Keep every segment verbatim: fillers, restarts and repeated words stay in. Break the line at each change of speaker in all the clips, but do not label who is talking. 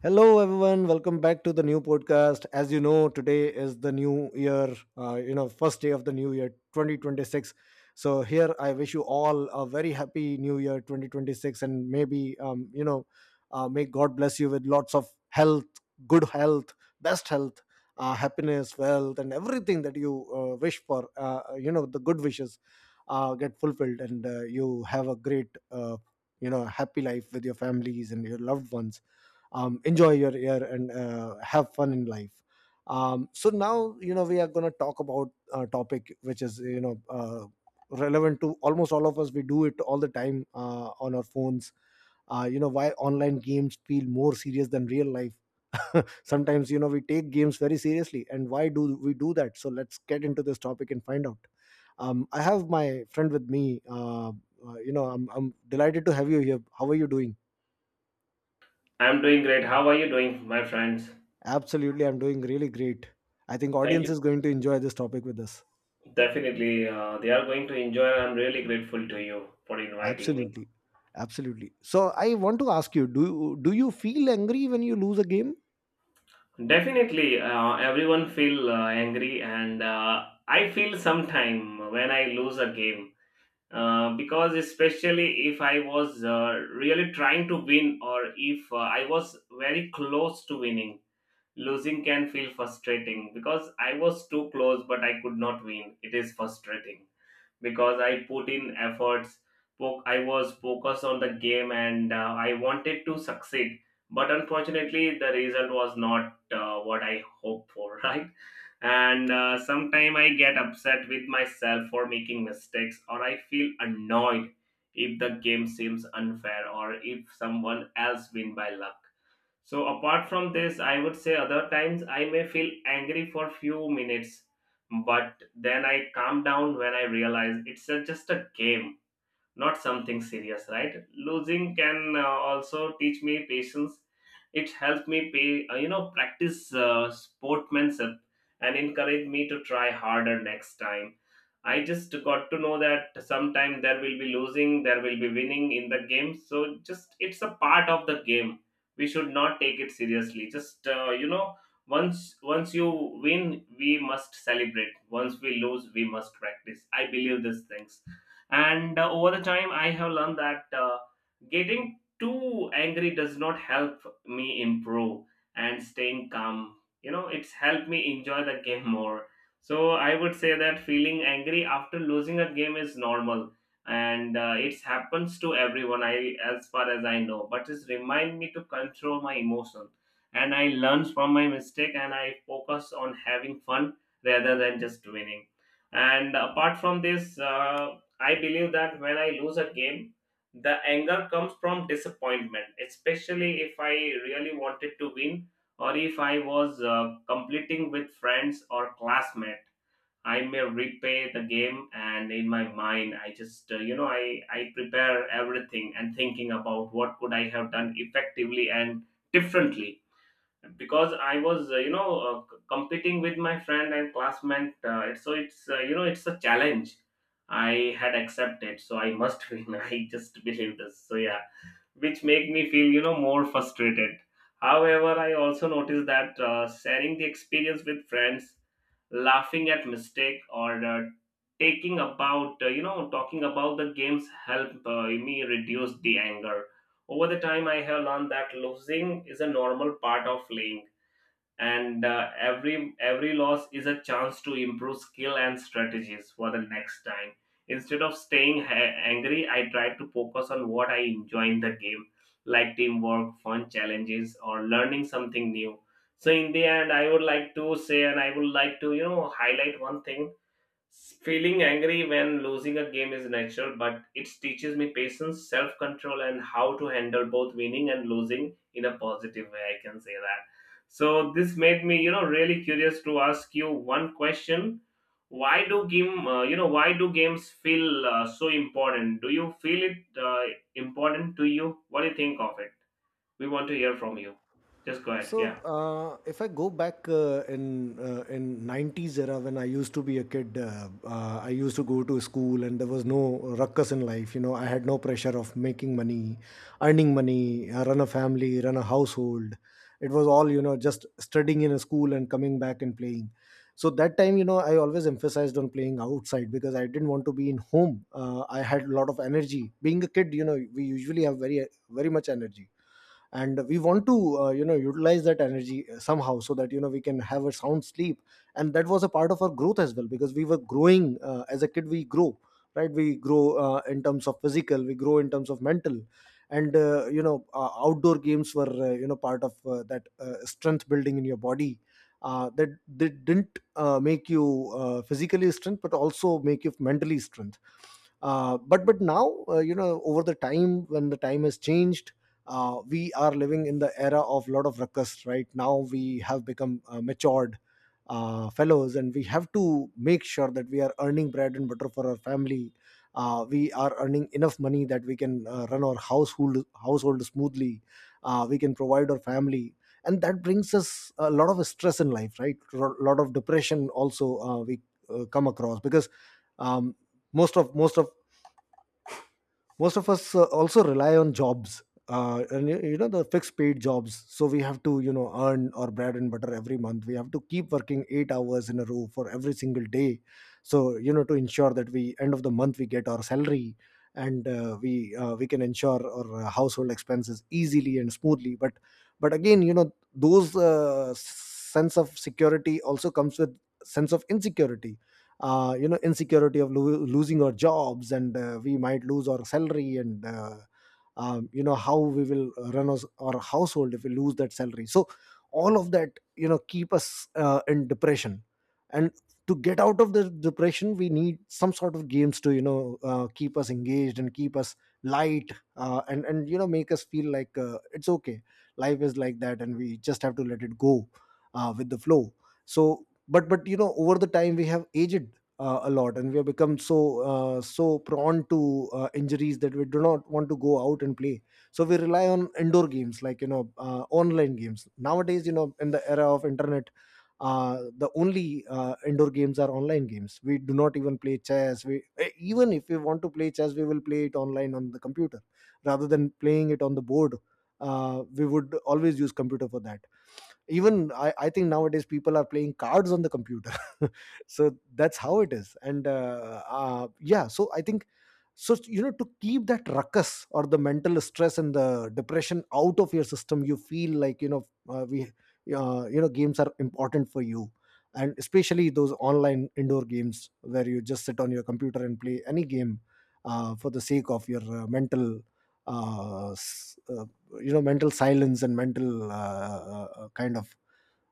Hello, everyone. Welcome back to the new podcast. As you know, today is the new year, uh, you know, first day of the new year twenty twenty-six. So, here I wish you all a very happy new year twenty twenty-six and maybe, um, you know, uh, may God bless you with lots of health, good health, best health, uh, happiness, wealth, and everything that you uh, wish for. Uh, you know, the good wishes uh, get fulfilled and uh, you have a great, uh, you know, happy life with your families and your loved ones. Um, enjoy your year and uh, have fun in life. Um, so now you know we are going to talk about a topic which is you know uh, relevant to almost all of us. We do it all the time uh, on our phones. Uh, you know why online games feel more serious than real life? Sometimes you know we take games very seriously, and why do we do that? So let's get into this topic and find out. um, I have my friend with me. uh, uh, you know I'm, I'm delighted to have you here. How are you doing?
I'm doing great. How are you doing, my friends?
Absolutely, I'm doing really great. I think
Thank
audience
you.
is going to enjoy this topic with us.
Definitely, uh, they are going to enjoy. And I'm really grateful to you for inviting me.
Absolutely. Absolutely. So I want to ask you, do you do you feel angry when you lose a game?
Definitely, uh, everyone feel uh, angry, and uh, I feel sometime when I lose a game uh, because especially if I was uh, really trying to win or if uh, I was very close to winning, losing can feel frustrating because I was too close but I could not win. It is frustrating because I put in efforts. Foc- I was focused on the game and uh, I wanted to succeed. But unfortunately, the result was not uh, what I hoped for, right? And uh, sometimes I get upset with myself for making mistakes, or I feel annoyed if the game seems unfair or if someone else win by luck. So apart from this, I would say other times I may feel angry for few minutes, but then I calm down when I realize it's a, just a game, not something serious, right? Losing can uh, also teach me patience. It helped me pay uh, you know practice uh, sportsmanship and encourage me to try harder next time. I just got to know that sometime there will be losing, there will be winning in the game, so just it's a part of the game. We should not take it seriously, just uh, you know once once you win we must celebrate, once we lose we must practice. I believe these things, and uh, over the time I have learned that uh, getting too angry does not help me improve, and staying calm, you know, it's helped me enjoy the game more. So I would say that feeling angry after losing a game is normal, and uh, it happens to everyone, I as far as I know, but it's remind me to control my emotion, and I learn from my mistake and I focus on having fun rather than just winning. And apart from this, uh, I believe that when I lose a game, the anger comes from disappointment, especially if I really wanted to win or if I was uh, completing with friends or classmate. I may replay the game, and in my mind, I just uh, you know I I prepare everything and thinking about what could I have done effectively and differently, because I was, uh, you know, uh, c- competing with my friend and classmate. Uh, so it's, uh, you know, it's a challenge I had accepted, so I must win. I just believe this. So yeah, which make me feel, you know, more frustrated. However, I also noticed that uh, sharing the experience with friends, laughing at mistake, or uh, taking about, uh, you know, talking about the games help uh, me reduce the anger. Over the time, I have learned that losing is a normal part of playing, and uh, every every loss is a chance to improve skill and strategies for the next time. Instead of staying ha- angry, I try to focus on what I enjoy in the game, like teamwork, fun challenges, or learning something new. So in the end, I would like to say, and I would like to, you know, highlight one thing. Feeling angry when losing a game is natural, but it teaches me patience, self control, and how to handle both winning and losing in a positive way. I can say that. So, this made me, you know, really curious to ask you one question. Why do game, uh, you know, why do games feel uh, so important? Do you feel it uh, important to you? What do you think of it? We want to hear from you. Just go ahead.
So,
Yeah.
uh, if I go back uh, in uh, in nineties era when I used to be a kid, uh, uh, I used to go to school and there was no ruckus in life. You know, I had no pressure of making money, earning money, uh, run a family, run a household. It was all, you know, just studying in a school and coming back and playing. So that time, you know, I always emphasized on playing outside because I didn't want to be in home. Uh, I had a lot of energy. Being a kid, you know, we usually have very very much energy, and we want to uh, you know utilize that energy uh, somehow so that you know we can have a sound sleep, and that was a part of our growth as well because we were growing. Uh, as a kid we grow, right? We grow uh, in terms of physical, we grow in terms of mental, and uh, you know uh, outdoor games were, uh, you know, part of uh, that uh, strength building in your body. Uh, that they didn't uh, make you uh, physically strength but also make you mentally strength. Uh, but but now, uh, you know, over the time when the time has changed, uh, we are living in the era of lot of ruckus. Right now, we have become uh, matured uh, fellows, and we have to make sure that we are earning bread and butter for our family. Uh, we are earning enough money that we can uh, run our household household smoothly. Uh, we can provide our family, and that brings us a lot of stress in life, right? A lot of depression also uh, we uh, come across because um, most of most of most of us uh, also rely on jobs, uh, and you you know, the fixed paid jobs, so we have to, you know, earn our bread and butter every month. We have to keep working eight hours in a row for every single day, so, you know, to ensure that we end of the month we get our salary, and uh, we uh, we can ensure our uh, household expenses easily and smoothly. But but again, you know, those, uh, sense of security also comes with sense of insecurity, uh, you know, insecurity of lo- losing our jobs, and uh, we might lose our salary, and uh, um, you know, how we will run us, our household if we lose that salary. So all of that, you know, keep us uh, in depression, and to get out of the depression, we need some sort of games to, you know, uh, keep us engaged and keep us light, uh, and and you know, make us feel like, uh, it's okay, life is like that, and we just have to let it go uh, with the flow. So but but you know, over the time, we have aged uh, a lot, and we have become so uh, so prone to uh, injuries that we do not want to go out and play. So we rely on indoor games like, you know, uh, online games. Nowadays, you know, in the era of internet, uh, the only uh, indoor games are online games. We do not even play chess. We eh, even if we want to play chess, we will play it online on the computer rather than playing it on the board. Uh, we would always use computer for that. Even I, I think nowadays people are playing cards on the computer. So that's how it is, and, uh, uh, yeah, so I think so you know, to keep that ruckus or the mental stress and the depression out of your system, you feel like, you know, uh, we uh, you know, games are important for you, and especially those online indoor games where you just sit on your computer and play any game uh, for the sake of your uh, mental, uh, s- uh, you know, mental silence and mental uh, uh, uh, kind of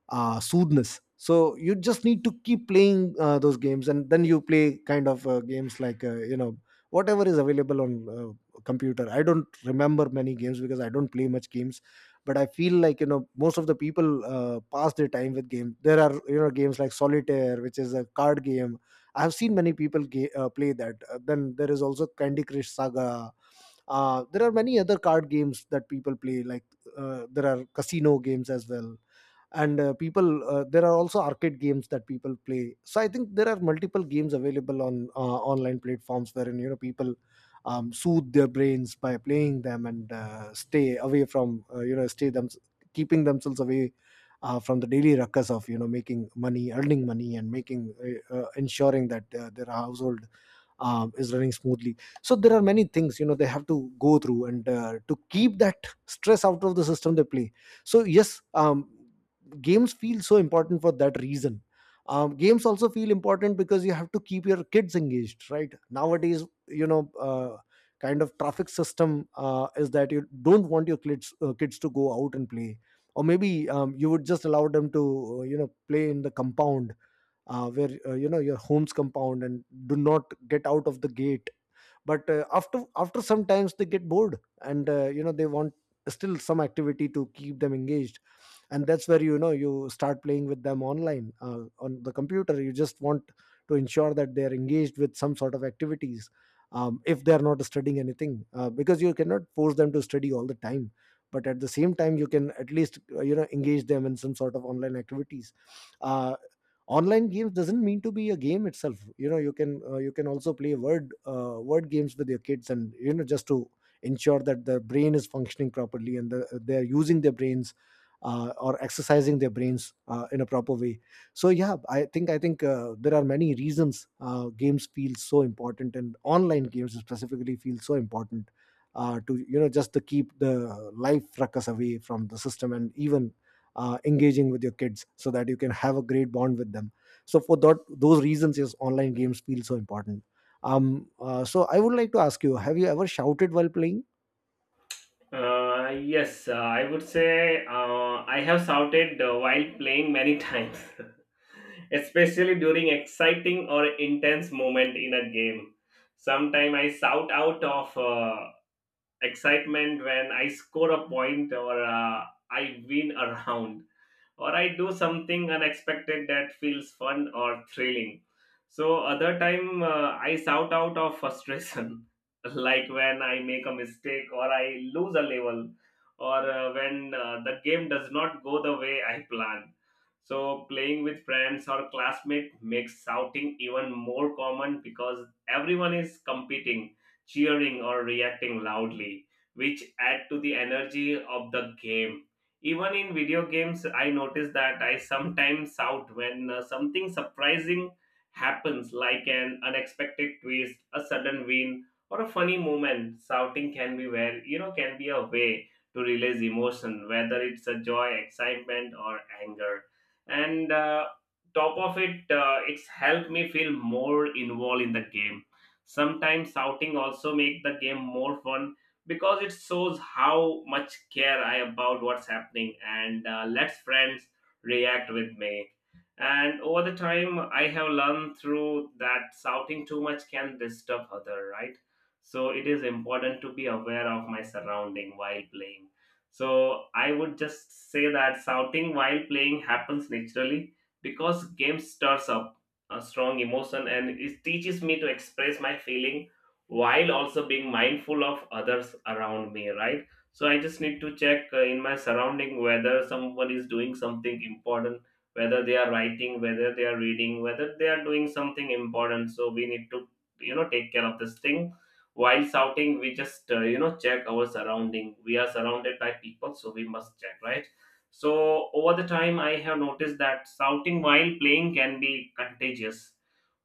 uh, soothness. So you just need to keep playing uh, those games, and then you play kind of uh, games like, uh, you know whatever is available on uh, computer. I don't remember many games because I don't play much games, but I feel like, you know, most of the people uh, pass their time with game. There are, you know, games like solitaire, which is a card game. I have seen many people ga- uh, play that. Uh, then there is also Candy Crush Saga. Uh, there are many other card games that people play. Like, uh, there are casino games as well, and uh, people uh, there are also arcade games that people play. So I think there are multiple games available on uh, online platforms, wherein, you know, people um, soothe their brains by playing them and uh, stay away from uh, you know stay them keeping themselves away uh, from the daily ruckus of, you know, making money, earning money, and making, uh, uh, ensuring that uh, their household um, is running smoothly. So there are many things, you know, they have to go through, and uh, to keep that stress out of the system, they play. So yes, um, games feel so important for that reason. Um, games also feel important because you have to keep your kids engaged, right? Nowadays, you know, uh, kind of traffic system uh, is that you don't want your kids uh, kids to go out and play, or maybe, um, you would just allow them to, uh, you know, play in the compound, uh, where uh, you know, your home's compound, and do not get out of the gate. But uh, after after sometimes they get bored, and, uh, you know, they want still some activity to keep them engaged, and that's where, you know, you start playing with them online, uh, on the computer. You just want to ensure that they are engaged with some sort of activities. Um, if they are not studying anything, uh, because you cannot force them to study all the time, but at the same time you can at least, uh, you know, engage them in some sort of online activities. Uh, online games doesn't mean to be a game itself. You know, you can, uh, you can also play word uh, word games with your kids, and, you know, just to ensure that the brain is functioning properly and the, uh, they're using their brains uh, or exercising their brains uh, in a proper way. So yeah, i think i think uh, there are many reasons uh, games feel so important, and online games specifically feel so important uh, to, you know, just to keep the life ruckus away from the system, and even uh, engaging with your kids so that you can have a great bond with them. So for that those reasons, yes, online games feel so important. Um uh, so I would like to ask you, have you ever shouted while playing?
Uh, yes, uh, I would say uh, I have shouted uh, while playing many times, especially during exciting or intense moment in a game. Sometimes I shout out of uh, excitement when I score a point, or uh, I win a round, or I do something unexpected that feels fun or thrilling. So other time, uh, I shout out of frustration, like when I make a mistake or I lose a level or uh, when uh, the game does not go the way I plan. So playing with friends or classmates makes shouting even more common, because everyone is competing, cheering or reacting loudly, which add to the energy of the game. Even in video games, I notice that I sometimes shout when uh, something surprising happens, like an unexpected twist, a sudden win, or a funny moment. Shouting can be, where you know, can be a way to release emotion, whether it's a joy, excitement, or anger. And uh, top of it, uh, it's helped me feel more involved in the game. Sometimes shouting also make the game more fun because it shows how much care I about what's happening, and uh, lets friends react with me. And over the time, I have learned through that shouting too much can disturb other, right? So it is important to be aware of my surrounding while playing. So I would just say that shouting while playing happens naturally because game stirs up a strong emotion, and it teaches me to express my feeling while also being mindful of others around me, right? So I just need to check uh, in my surrounding whether someone is doing something important, whether they are writing, whether they are reading, whether they are doing something important. So we need to, you know, take care of this thing. While shouting, we just uh, you know check our surrounding. We are surrounded by people, so we must check, right? So over the time, I have noticed that shouting while playing can be contagious.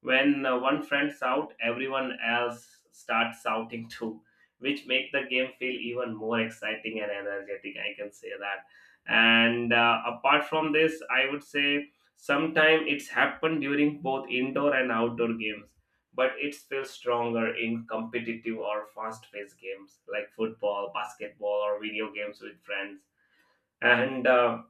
When uh, one friend shout, everyone else starts shouting too, which make the game feel even more exciting and energetic, I can say that. And uh, apart from this, I would say sometimes it's happened during both indoor and outdoor games, but it's still stronger in competitive or fast-paced games like football, basketball, or video games with friends. And uh,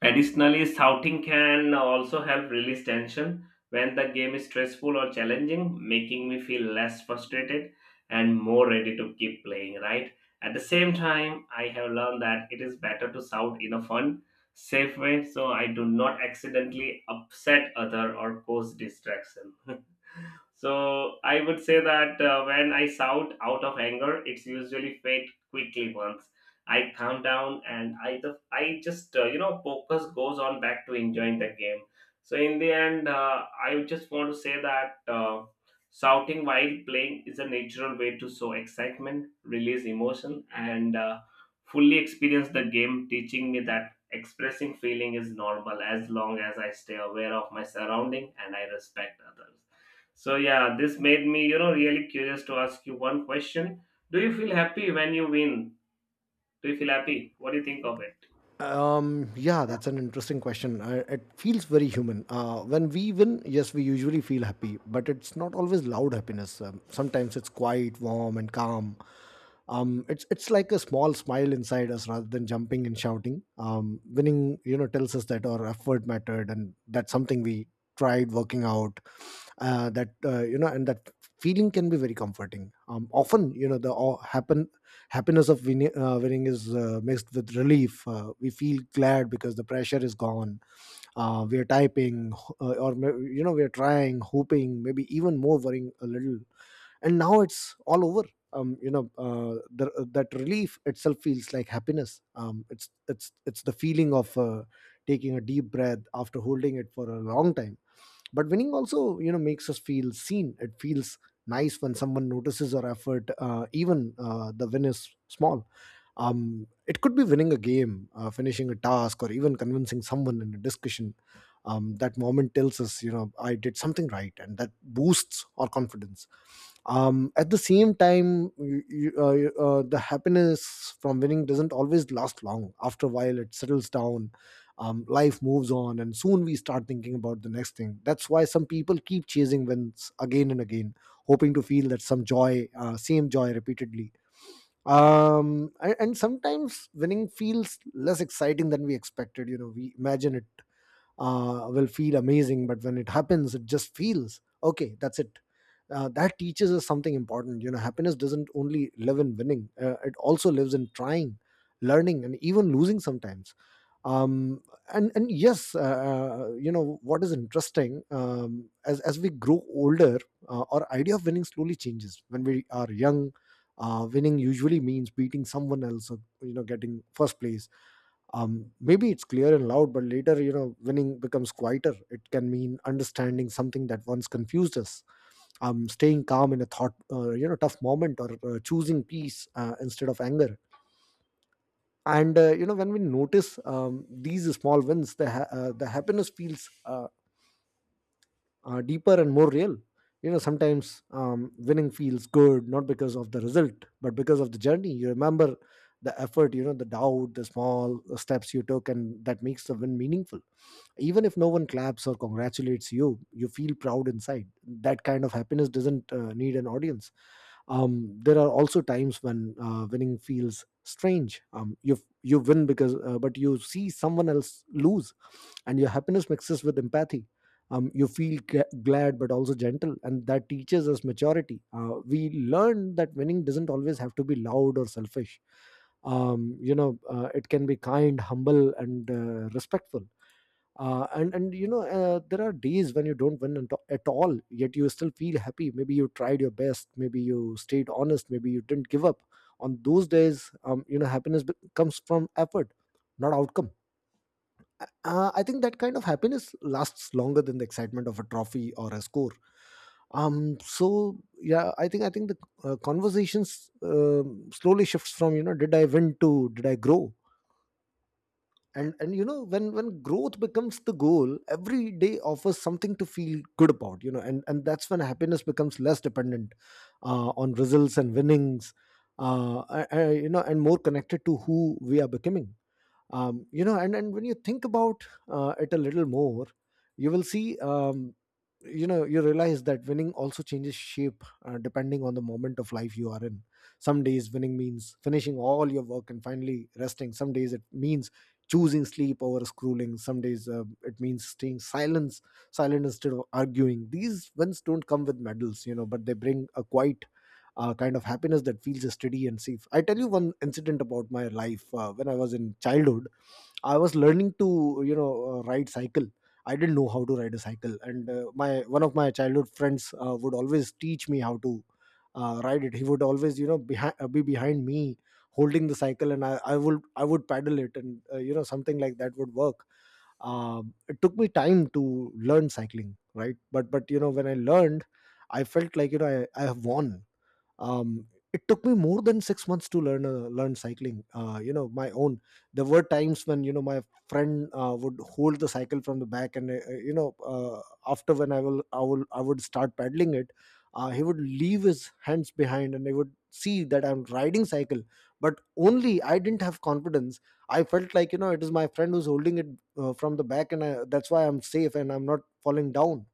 additionally, shouting can also help release tension when the game is stressful or challenging, making me feel less frustrated and more ready to keep playing, right? At the same time, I have learned that it is better to shout in a fun, safe way, so I do not accidentally upset other or cause distraction. So I would say that uh, when I shout out of anger, it's usually fade quickly once I calm down, and I the I just, uh, you know, focus goes on back to enjoying the game. So in the end, uh, I just want to say that uh, shouting while playing is a natural way to show excitement, release emotion, and uh, fully experience the game, teaching me that expressing feeling is normal as long as I stay aware of my surrounding and I respect others. So yeah, this made me, you know, really curious to ask you one question. Do you feel happy when you win? Do you feel happy? What do you think of it?
Um, yeah, that's an interesting question. Uh, it feels very human. Uh, when we win, yes, we usually feel happy, but it's not always loud happiness. Um, sometimes it's quiet, warm, and calm. Um, it's it's like a small smile inside us rather than jumping and shouting. Um, winning, you know, tells us that our effort mattered, and that's something we tried working out. Uh, that uh, You know, and that feeling can be very comforting. Um, often, you know, the uh, happen happiness of winning, uh, winning is uh, mixed with relief. Uh, we feel glad because the pressure is gone. Uh, we are typing uh, or may- You know, we are trying, hoping, maybe even more worrying a little, and now it's all over. Um, you know uh, the, uh, that relief itself feels like happiness. Um, it's it's it's the feeling of uh, taking a deep breath after holding it for a long time. But winning also, you know, makes us feel seen. It feels nice when someone notices our effort, uh, even uh, the win is small. Um, it could be winning a game, uh, finishing a task, or even convincing someone in a discussion. Um, that moment tells us, you know, I did something right, and that boosts our confidence. Um, at the same time, you, you, uh, you- uh, the happiness from winning doesn't always last long. After a while it settles down. Um, life moves on, and soon we start thinking about the next thing. That's why some people keep chasing wins again and again, hoping to feel that some joy uh, same joy repeatedly. Um and, and sometimes winning feels less exciting than we expected. You know, we imagine it uh, will feel amazing, but when it happens it just feels okay. That's it. Uh, that teaches us something important. You know, happiness doesn't only live in winning. Uh, it also lives in trying, learning, and even losing sometimes. Um and and yes, uh, uh, you know, what is interesting, um, as as we grow older, uh, our idea of winning slowly changes. When we are young, uh, winning usually means beating someone else, or, you know, getting first place. Um, maybe it's clear and loud, but later, you know, winning becomes quieter. It can mean understanding something that once confused us, um, staying calm in a thought uh, you know, tough moment, or uh, choosing peace uh, instead of anger. And uh, you know, when we notice, um, these small wins, the ha- uh, the happiness feels uh, uh, deeper and more real. You know, sometimes, um, winning feels good not because of the result but because of the journey. You remember the effort, you know, the doubt, the small steps you took, and that makes the win meaningful. Even if no one claps or congratulates you, you feel proud inside. That kind of happiness doesn't uh, need an audience. Um, there are also times when, uh, winning feels strange. Um, you you win because uh, but you see someone else lose, and your happiness mixes with empathy. Um, you feel gla- glad but also gentle, and that teaches us maturity. Uh, we learn that winning doesn't always have to be loud or selfish. Um, you know, uh, it can be kind, humble, and uh, respectful. Uh, and and you know, uh, there are days when you don't win at at all, yet you still feel happy. Maybe you tried your best, maybe you stayed honest, maybe you didn't give up. On those days, um, you know, happiness be- comes from effort, not outcome. uh, uh, I think that kind of happiness lasts longer than the excitement of a trophy or a score. Um so yeah, i think i think the uh, conversations um, slowly shifts from, you know, did I win, to did I grow. And and you know, when when growth becomes the goal, every day offers something to feel good about. You know, and and that's when happiness becomes less dependent uh, on results and winnings. Uh, I- I- you know, and more connected to who we are becoming. Um, you know, and and when you think about uh, it a little more, you will see, um, you know, you realize that winning also changes shape, uh, depending on the moment of life you are in. Some days winning means finishing all your work and finally resting. Some days it means choosing sleep over scrolling. Some days uh, it means staying silence silent instead of arguing. These wins don't come with medals, you know, but they bring a quiet uh, kind of happiness that feels steady and safe. I tell you one incident about my life. Uh, when I was in childhood, I was learning to, you know, uh, ride cycle. I didn't know how to ride a cycle, and uh, my, one of my childhood friends, uh, would always teach me how to uh, ride it. He would always, you know, behind, be behind me holding the cycle, and I, I would I would paddle it, and, uh, you know, something like that would work. Um, it took me time to learn cycling, right? But but you know, when I learned, I felt like, you know, I, I have won. Um, it took me more than six months to learn uh, learn cycling, uh, you know, my own. There were times when, you know, my friend uh, would hold the cycle from the back, and, uh, uh, you know, uh, after when i will i will I would start paddling it, uh, he would leave his hands behind and he would see that I'm riding cycle, but only I didn't have confidence. I felt like, you know, it is my friend who's holding it uh, from the back, and I, that's why I'm safe and I'm not falling down.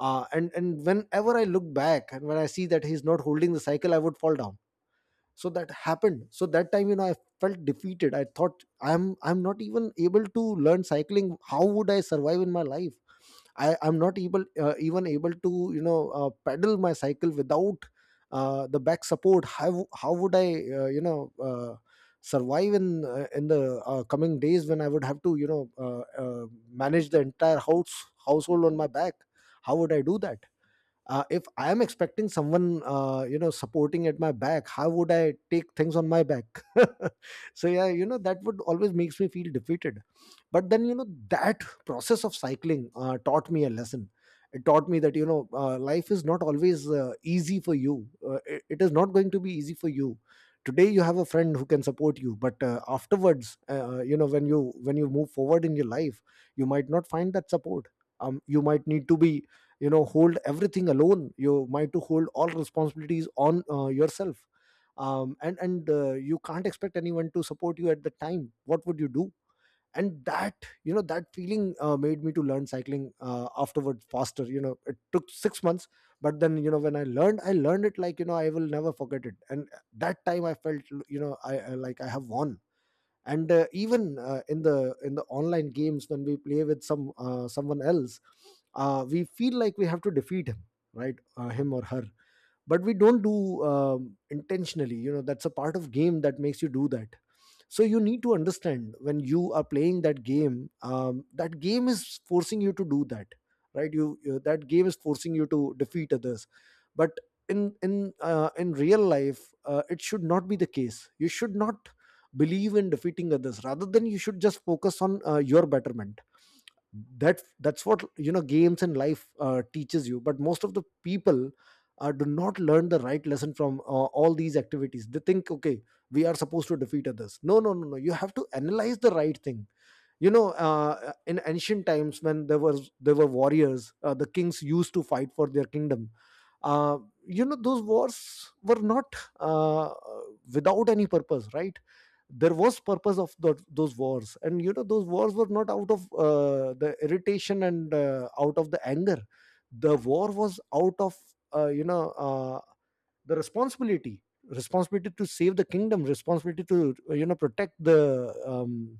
Uh, and and whenever I look back and when I see that he's not holding the cycle, I would fall down. So that happened. So that time, you know, I felt defeated. I thought, i'm i'm not even able to learn cycling, how would I survive in my life? I i'm not able, uh, even able, to, you know, uh, pedal my cycle without uh, the back support. How how would I uh, you know, uh, survive in, uh, in the, uh, coming days, when I would have to, you know, uh, uh, manage the entire house household on my back? How would I do that? Uh, if I am expecting someone, uh, you know, supporting at my back, how would I take things on my back? So yeah, you know, that would always makes me feel defeated. But then, you know, that process of cycling uh, taught me a lesson. It taught me that, you know, uh, life is not always uh, easy for you. Uh, it, it is not going to be easy for you. Today you have a friend who can support you, but uh, afterwards uh, uh, you know, when you when you move forward in your life, you might not find that support. Um, you might need to be, you know, hold everything alone. You might to hold all responsibilities on, uh, yourself. Um, and and uh, you can't expect anyone to support you at the time. What would you do? And that, you know, that feeling uh, made me to learn cycling uh, afterward faster. You know, it took six months, but then, you know, when I learned, I learned it like, you know, I will never forget it. And that time I felt, you know, i, I like I have won. And uh, even uh, in the in the online games, when we play with some uh, someone else, uh, we feel like we have to defeat him, right, uh, him or her. But we don't do um, intentionally. You know, that's a part of game that makes you do that. So you need to understand, when you are playing that game, um, that game is forcing you to do that, right? You, you, that game is forcing you to defeat others. But in, in uh, in real life, uh, it should not be the case. You should not believe in defeating others, rather than you should just focus on uh, your betterment. That that's what, you know, games and life uh, teaches you. But most of the people uh, do not learn the right lesson from, uh, all these activities. They think, okay, we are supposed to defeat others. No, no, no, no, you have to analyze the right thing. You know, uh, in ancient times, when there was there were warriors, uh, the kings used to fight for their kingdom. uh, you know, those wars were not uh, without any purpose, right? There was purpose of tho- those wars, and you know, those wars were not out of uh, the irritation, and uh, out of the anger. The war was out of uh, you know, uh, the responsibility responsibility to save the kingdom, responsibility to, uh, you know, protect the um,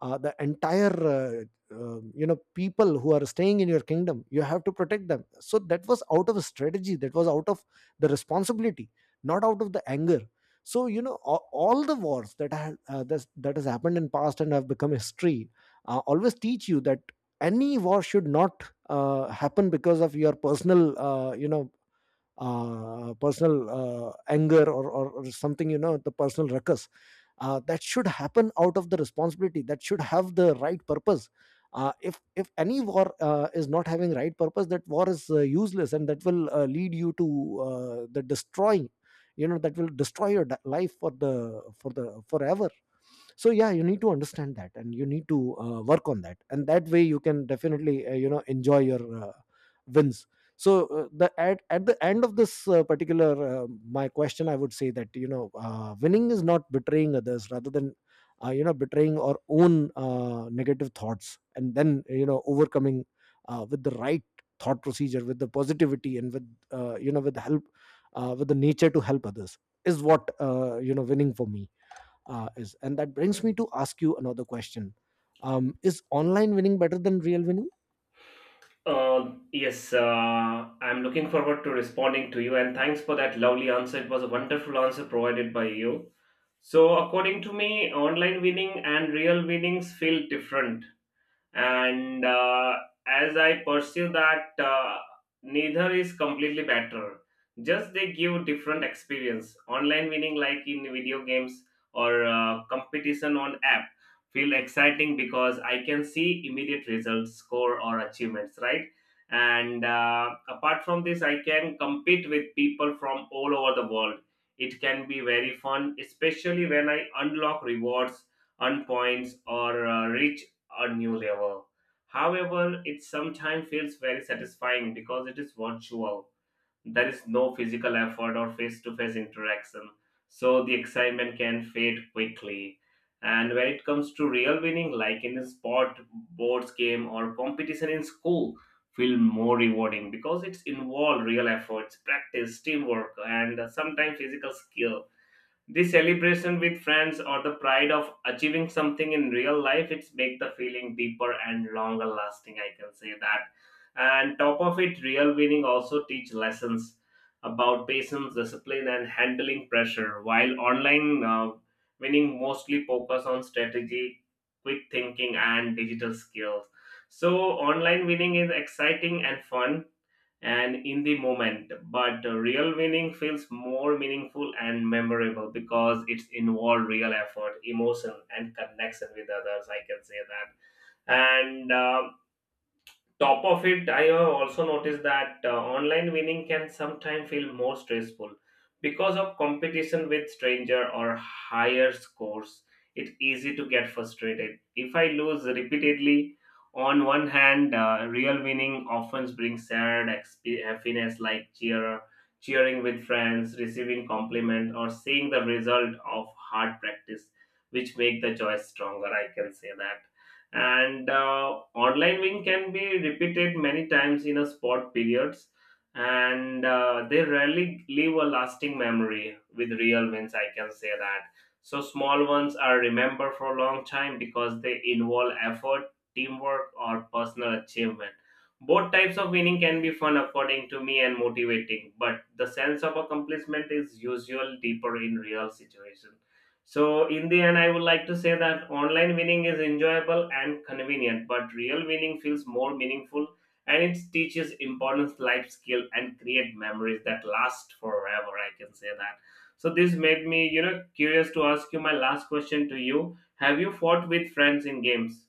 uh, the entire, uh, uh, you know, people who are staying in your kingdom. You have to protect them. So that was out of strategy, that was out of the responsibility, not out of the anger. So you know, all, all the wars that have, uh, that, that has happened in past and have become history, uh, always teach you that any war should not uh, happen because of your personal uh, you know uh, personal uh, anger or, or, or something, you know, the personal ruckus uh, that should happen out of the responsibility. That should have the right purpose. Uh, if if any war uh, is not having right purpose, that war is uh, useless and that will uh, lead you to uh, the destroying. You know, that will destroy your da- life for the for the forever. So yeah, you need to understand that and you need to uh, work on that, and that way you can definitely uh, you know enjoy your uh, wins. So uh, the at, at the end of this uh, particular uh, my question, I would say that, you know, uh, winning is not betraying others, rather than uh, you know betraying our own uh, negative thoughts, and then, you know, overcoming uh, with the right thought procedure, with the positivity, and with uh, you know with help, uh, with the nature to help others, is what, uh, you know winning for me uh, is. And that brings me to ask you another question. Um, is online winning better than real winning?
Uh, yes, uh, I'm looking forward to responding to you, and thanks for that lovely answer. It was a wonderful answer provided by you. So, according to me, online winning and real winnings feel different, and uh, as I pursue that uh, neither is completely better, just they give different experience. Online winning, like in video games or uh, competition on app, feel exciting because I can see immediate results, score, or achievements, right? And uh, apart from this, I can compete with people from all over the world. It can be very fun, especially when I unlock rewards, earn points, or uh, reach a new level. However, it sometimes feels very satisfying because it is virtual. There is no physical effort or face to face interaction, so the excitement can fade quickly. And when it comes to real winning, like in a sport, boards game, or competition in school, feel more rewarding because it's involved real efforts, practice, teamwork, and sometimes physical skill. The celebration with friends or the pride of achieving something in real life, it's make the feeling deeper and longer lasting. I can say that. And top of it, real winning also teach lessons about patience, discipline, and handling pressure. While online, uh, winning mostly focus on strategy, quick thinking, and digital skills. So online winning is exciting and fun and in the moment, but real winning feels more meaningful and memorable because it's involved real effort, emotion, and connection with others, I can say that. And um, top of it, I have also noticed that uh, online winning can sometimes feel more stressful because of competition with stranger or higher scores. It's easy to get frustrated if I lose repeatedly. On one hand, uh, real winning often brings shared exp- happiness, like cheer cheering with friends, receiving compliment, or seeing the result of hard practice, which make the choice stronger, I can say that. And uh, online win can be repeated many times in a sport periods, and uh, they rarely leave a lasting memory. With real wins, I can say that, so small ones are remembered for a long time because they involve effort, teamwork, or personal achievement. Both types of winning can be fun according to me and motivating, but the sense of accomplishment is usually deeper in real situations. So, in the end, I would like to say that online winning is enjoyable and convenient, but real winning feels more meaningful, and it teaches important life skill and create memories that last forever. I can say that. So, this made me, you know, curious to ask you my last question to you. Have you fought with friends in games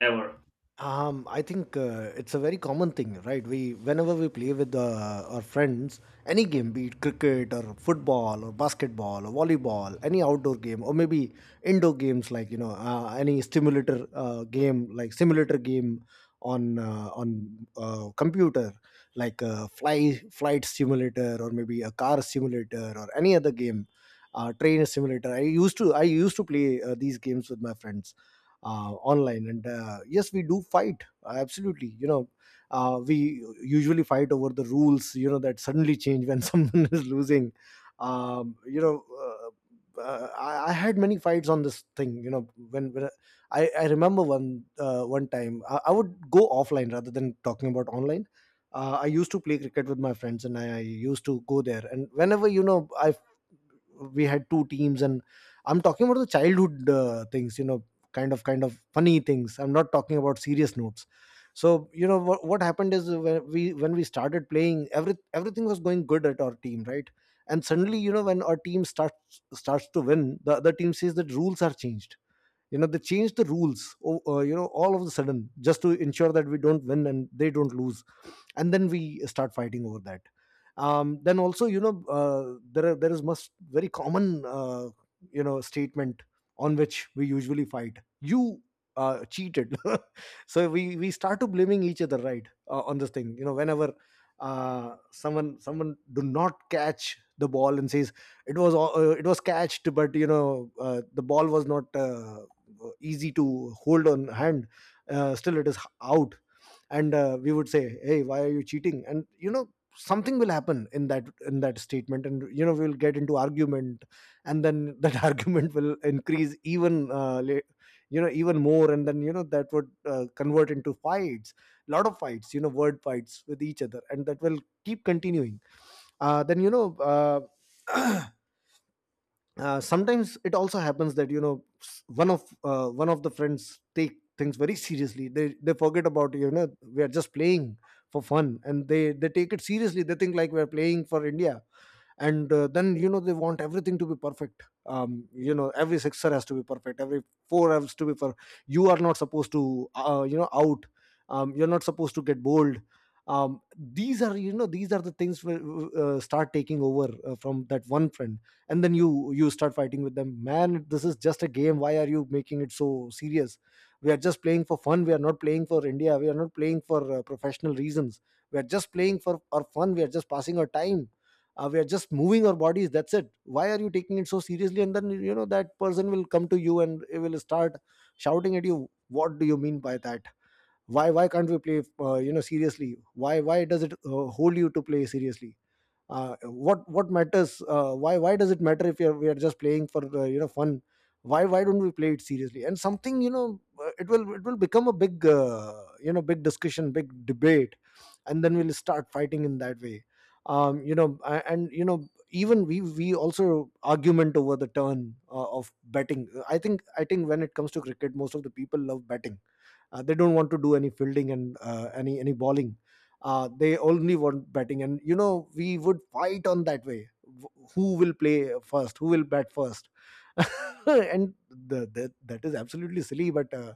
ever?
Um, I think uh, it's a very common thing, right? We, whenever we play with uh, our friends, any game, be it cricket or football or basketball or volleyball, any outdoor game, or maybe indoor games, like, you know, uh, any stimulator uh, game, like simulator game on uh, on uh, computer, like uh, fly flight simulator, or maybe a car simulator, or any other game, uh, train simulator. I used to I used to play uh, these games with my friends uh, online, and uh, yes, we do fight, uh, absolutely, you know, uh, we usually fight over the rules, you know, that suddenly change when someone is losing. Um, you know uh, uh, I, I had many fights on this thing, you know, when, when I, I remember one uh, one time. I, I would go offline rather than talking about online. uh, I used to play cricket with my friends, and I, I used to go there. And whenever, you know, I, we had two teams, and I'm talking about the childhood uh, things, you know, kind of kind of funny things. I'm not talking about serious notes. So you know what, what happened is when we when we started playing, every everything was going good at our team, right? And suddenly, you know, when our team starts starts to win, the other team says that rules are changed. You know, they changed the rules o- uh, you know, all of a sudden, just to ensure that we don't win and they don't lose. And then we start fighting over that. Um, then also, you know, uh, there are, there is must very common uh, you know statement on which we usually fight. You uh, Cheated. So we we start to blaming each other, right, uh, on this thing, you know, whenever uh, someone someone do not catch the ball and says it was all- uh, it was catched, but you know, uh, the ball was not uh, easy to hold on hand, uh, still it is out. And uh, we would say, hey, why are you cheating? And you know, something will happen in that in that statement, and you know, we'll get into argument. And then that argument will increase even uh, la- you know, even more, and then you know, that would uh, convert into fights. Lot of fights, you know, word fights with each other, and that will keep continuing. Uh, then you know uh, uh, Sometimes it also happens that, you know, s- one of uh, one of the friends take things very seriously. They they forget about, you know, we are just playing for fun, and they they take it seriously. They think like we're playing for India. And uh, then, you know, they want everything to be perfect. Um, you know, every sixer has to be perfect, every four has to be per. You are not supposed to uh, you know out. Um, you're not supposed to get bold. Um, these are, you know, these are the things will uh, start taking over uh, from that one friend. And then you you start fighting with them. Man, this is just a game. Why are you making it so serious? We are just playing for fun. We are not playing for India. We are not playing for uh, professional reasons. We are just playing for our fun. We are just passing our time. Uh, we are just moving our bodies. That's it. Why are you taking it so seriously? And then, you know, that person will come to you and he will start shouting at you. What do you mean by that? Why why can't we play, uh, you know seriously? Why why does it uh, hold you to play seriously? Uh, what what matters, uh, why why does it matter if we are, we are just playing for uh, you know fun? Why why don't we play it seriously? And something, you know, uh, it will it will become a big, uh, you know big discussion, big debate. And then we'll start fighting in that way. Um you know, a- and you know, even we we also argument over the turn uh, of betting. I think i think when it comes to cricket, most of the people love betting. Uh, they don't want to do any fielding and uh, any any bowling. Uh, they only want batting, and you know, we would fight on that way. Wh- Who will play first? Who will bat first? And the, that that is absolutely silly, but uh,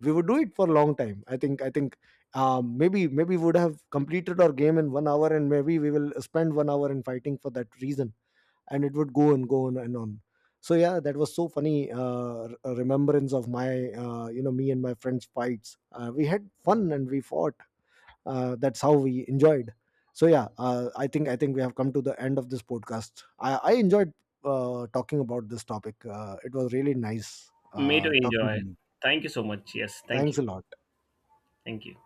we would do it for a long time. I think I think um, maybe maybe we would have completed our game in one hour, and maybe we will spend one hour in fighting for that reason. And it would go and go on and on. So yeah, that was so funny, uh, r- remembrance of my, uh, you know me and my friends fights. Uh, we had fun and we fought. Uh, that's how we enjoyed. So yeah, uh, i think i think we have come to the end of this podcast. i, I enjoyed uh, talking about this topic. Uh, it was really nice
Me to
uh, talking to
enjoy.
you.
Thank you so much. Yes, thank
Thanks
you.
a lot.
Thank you.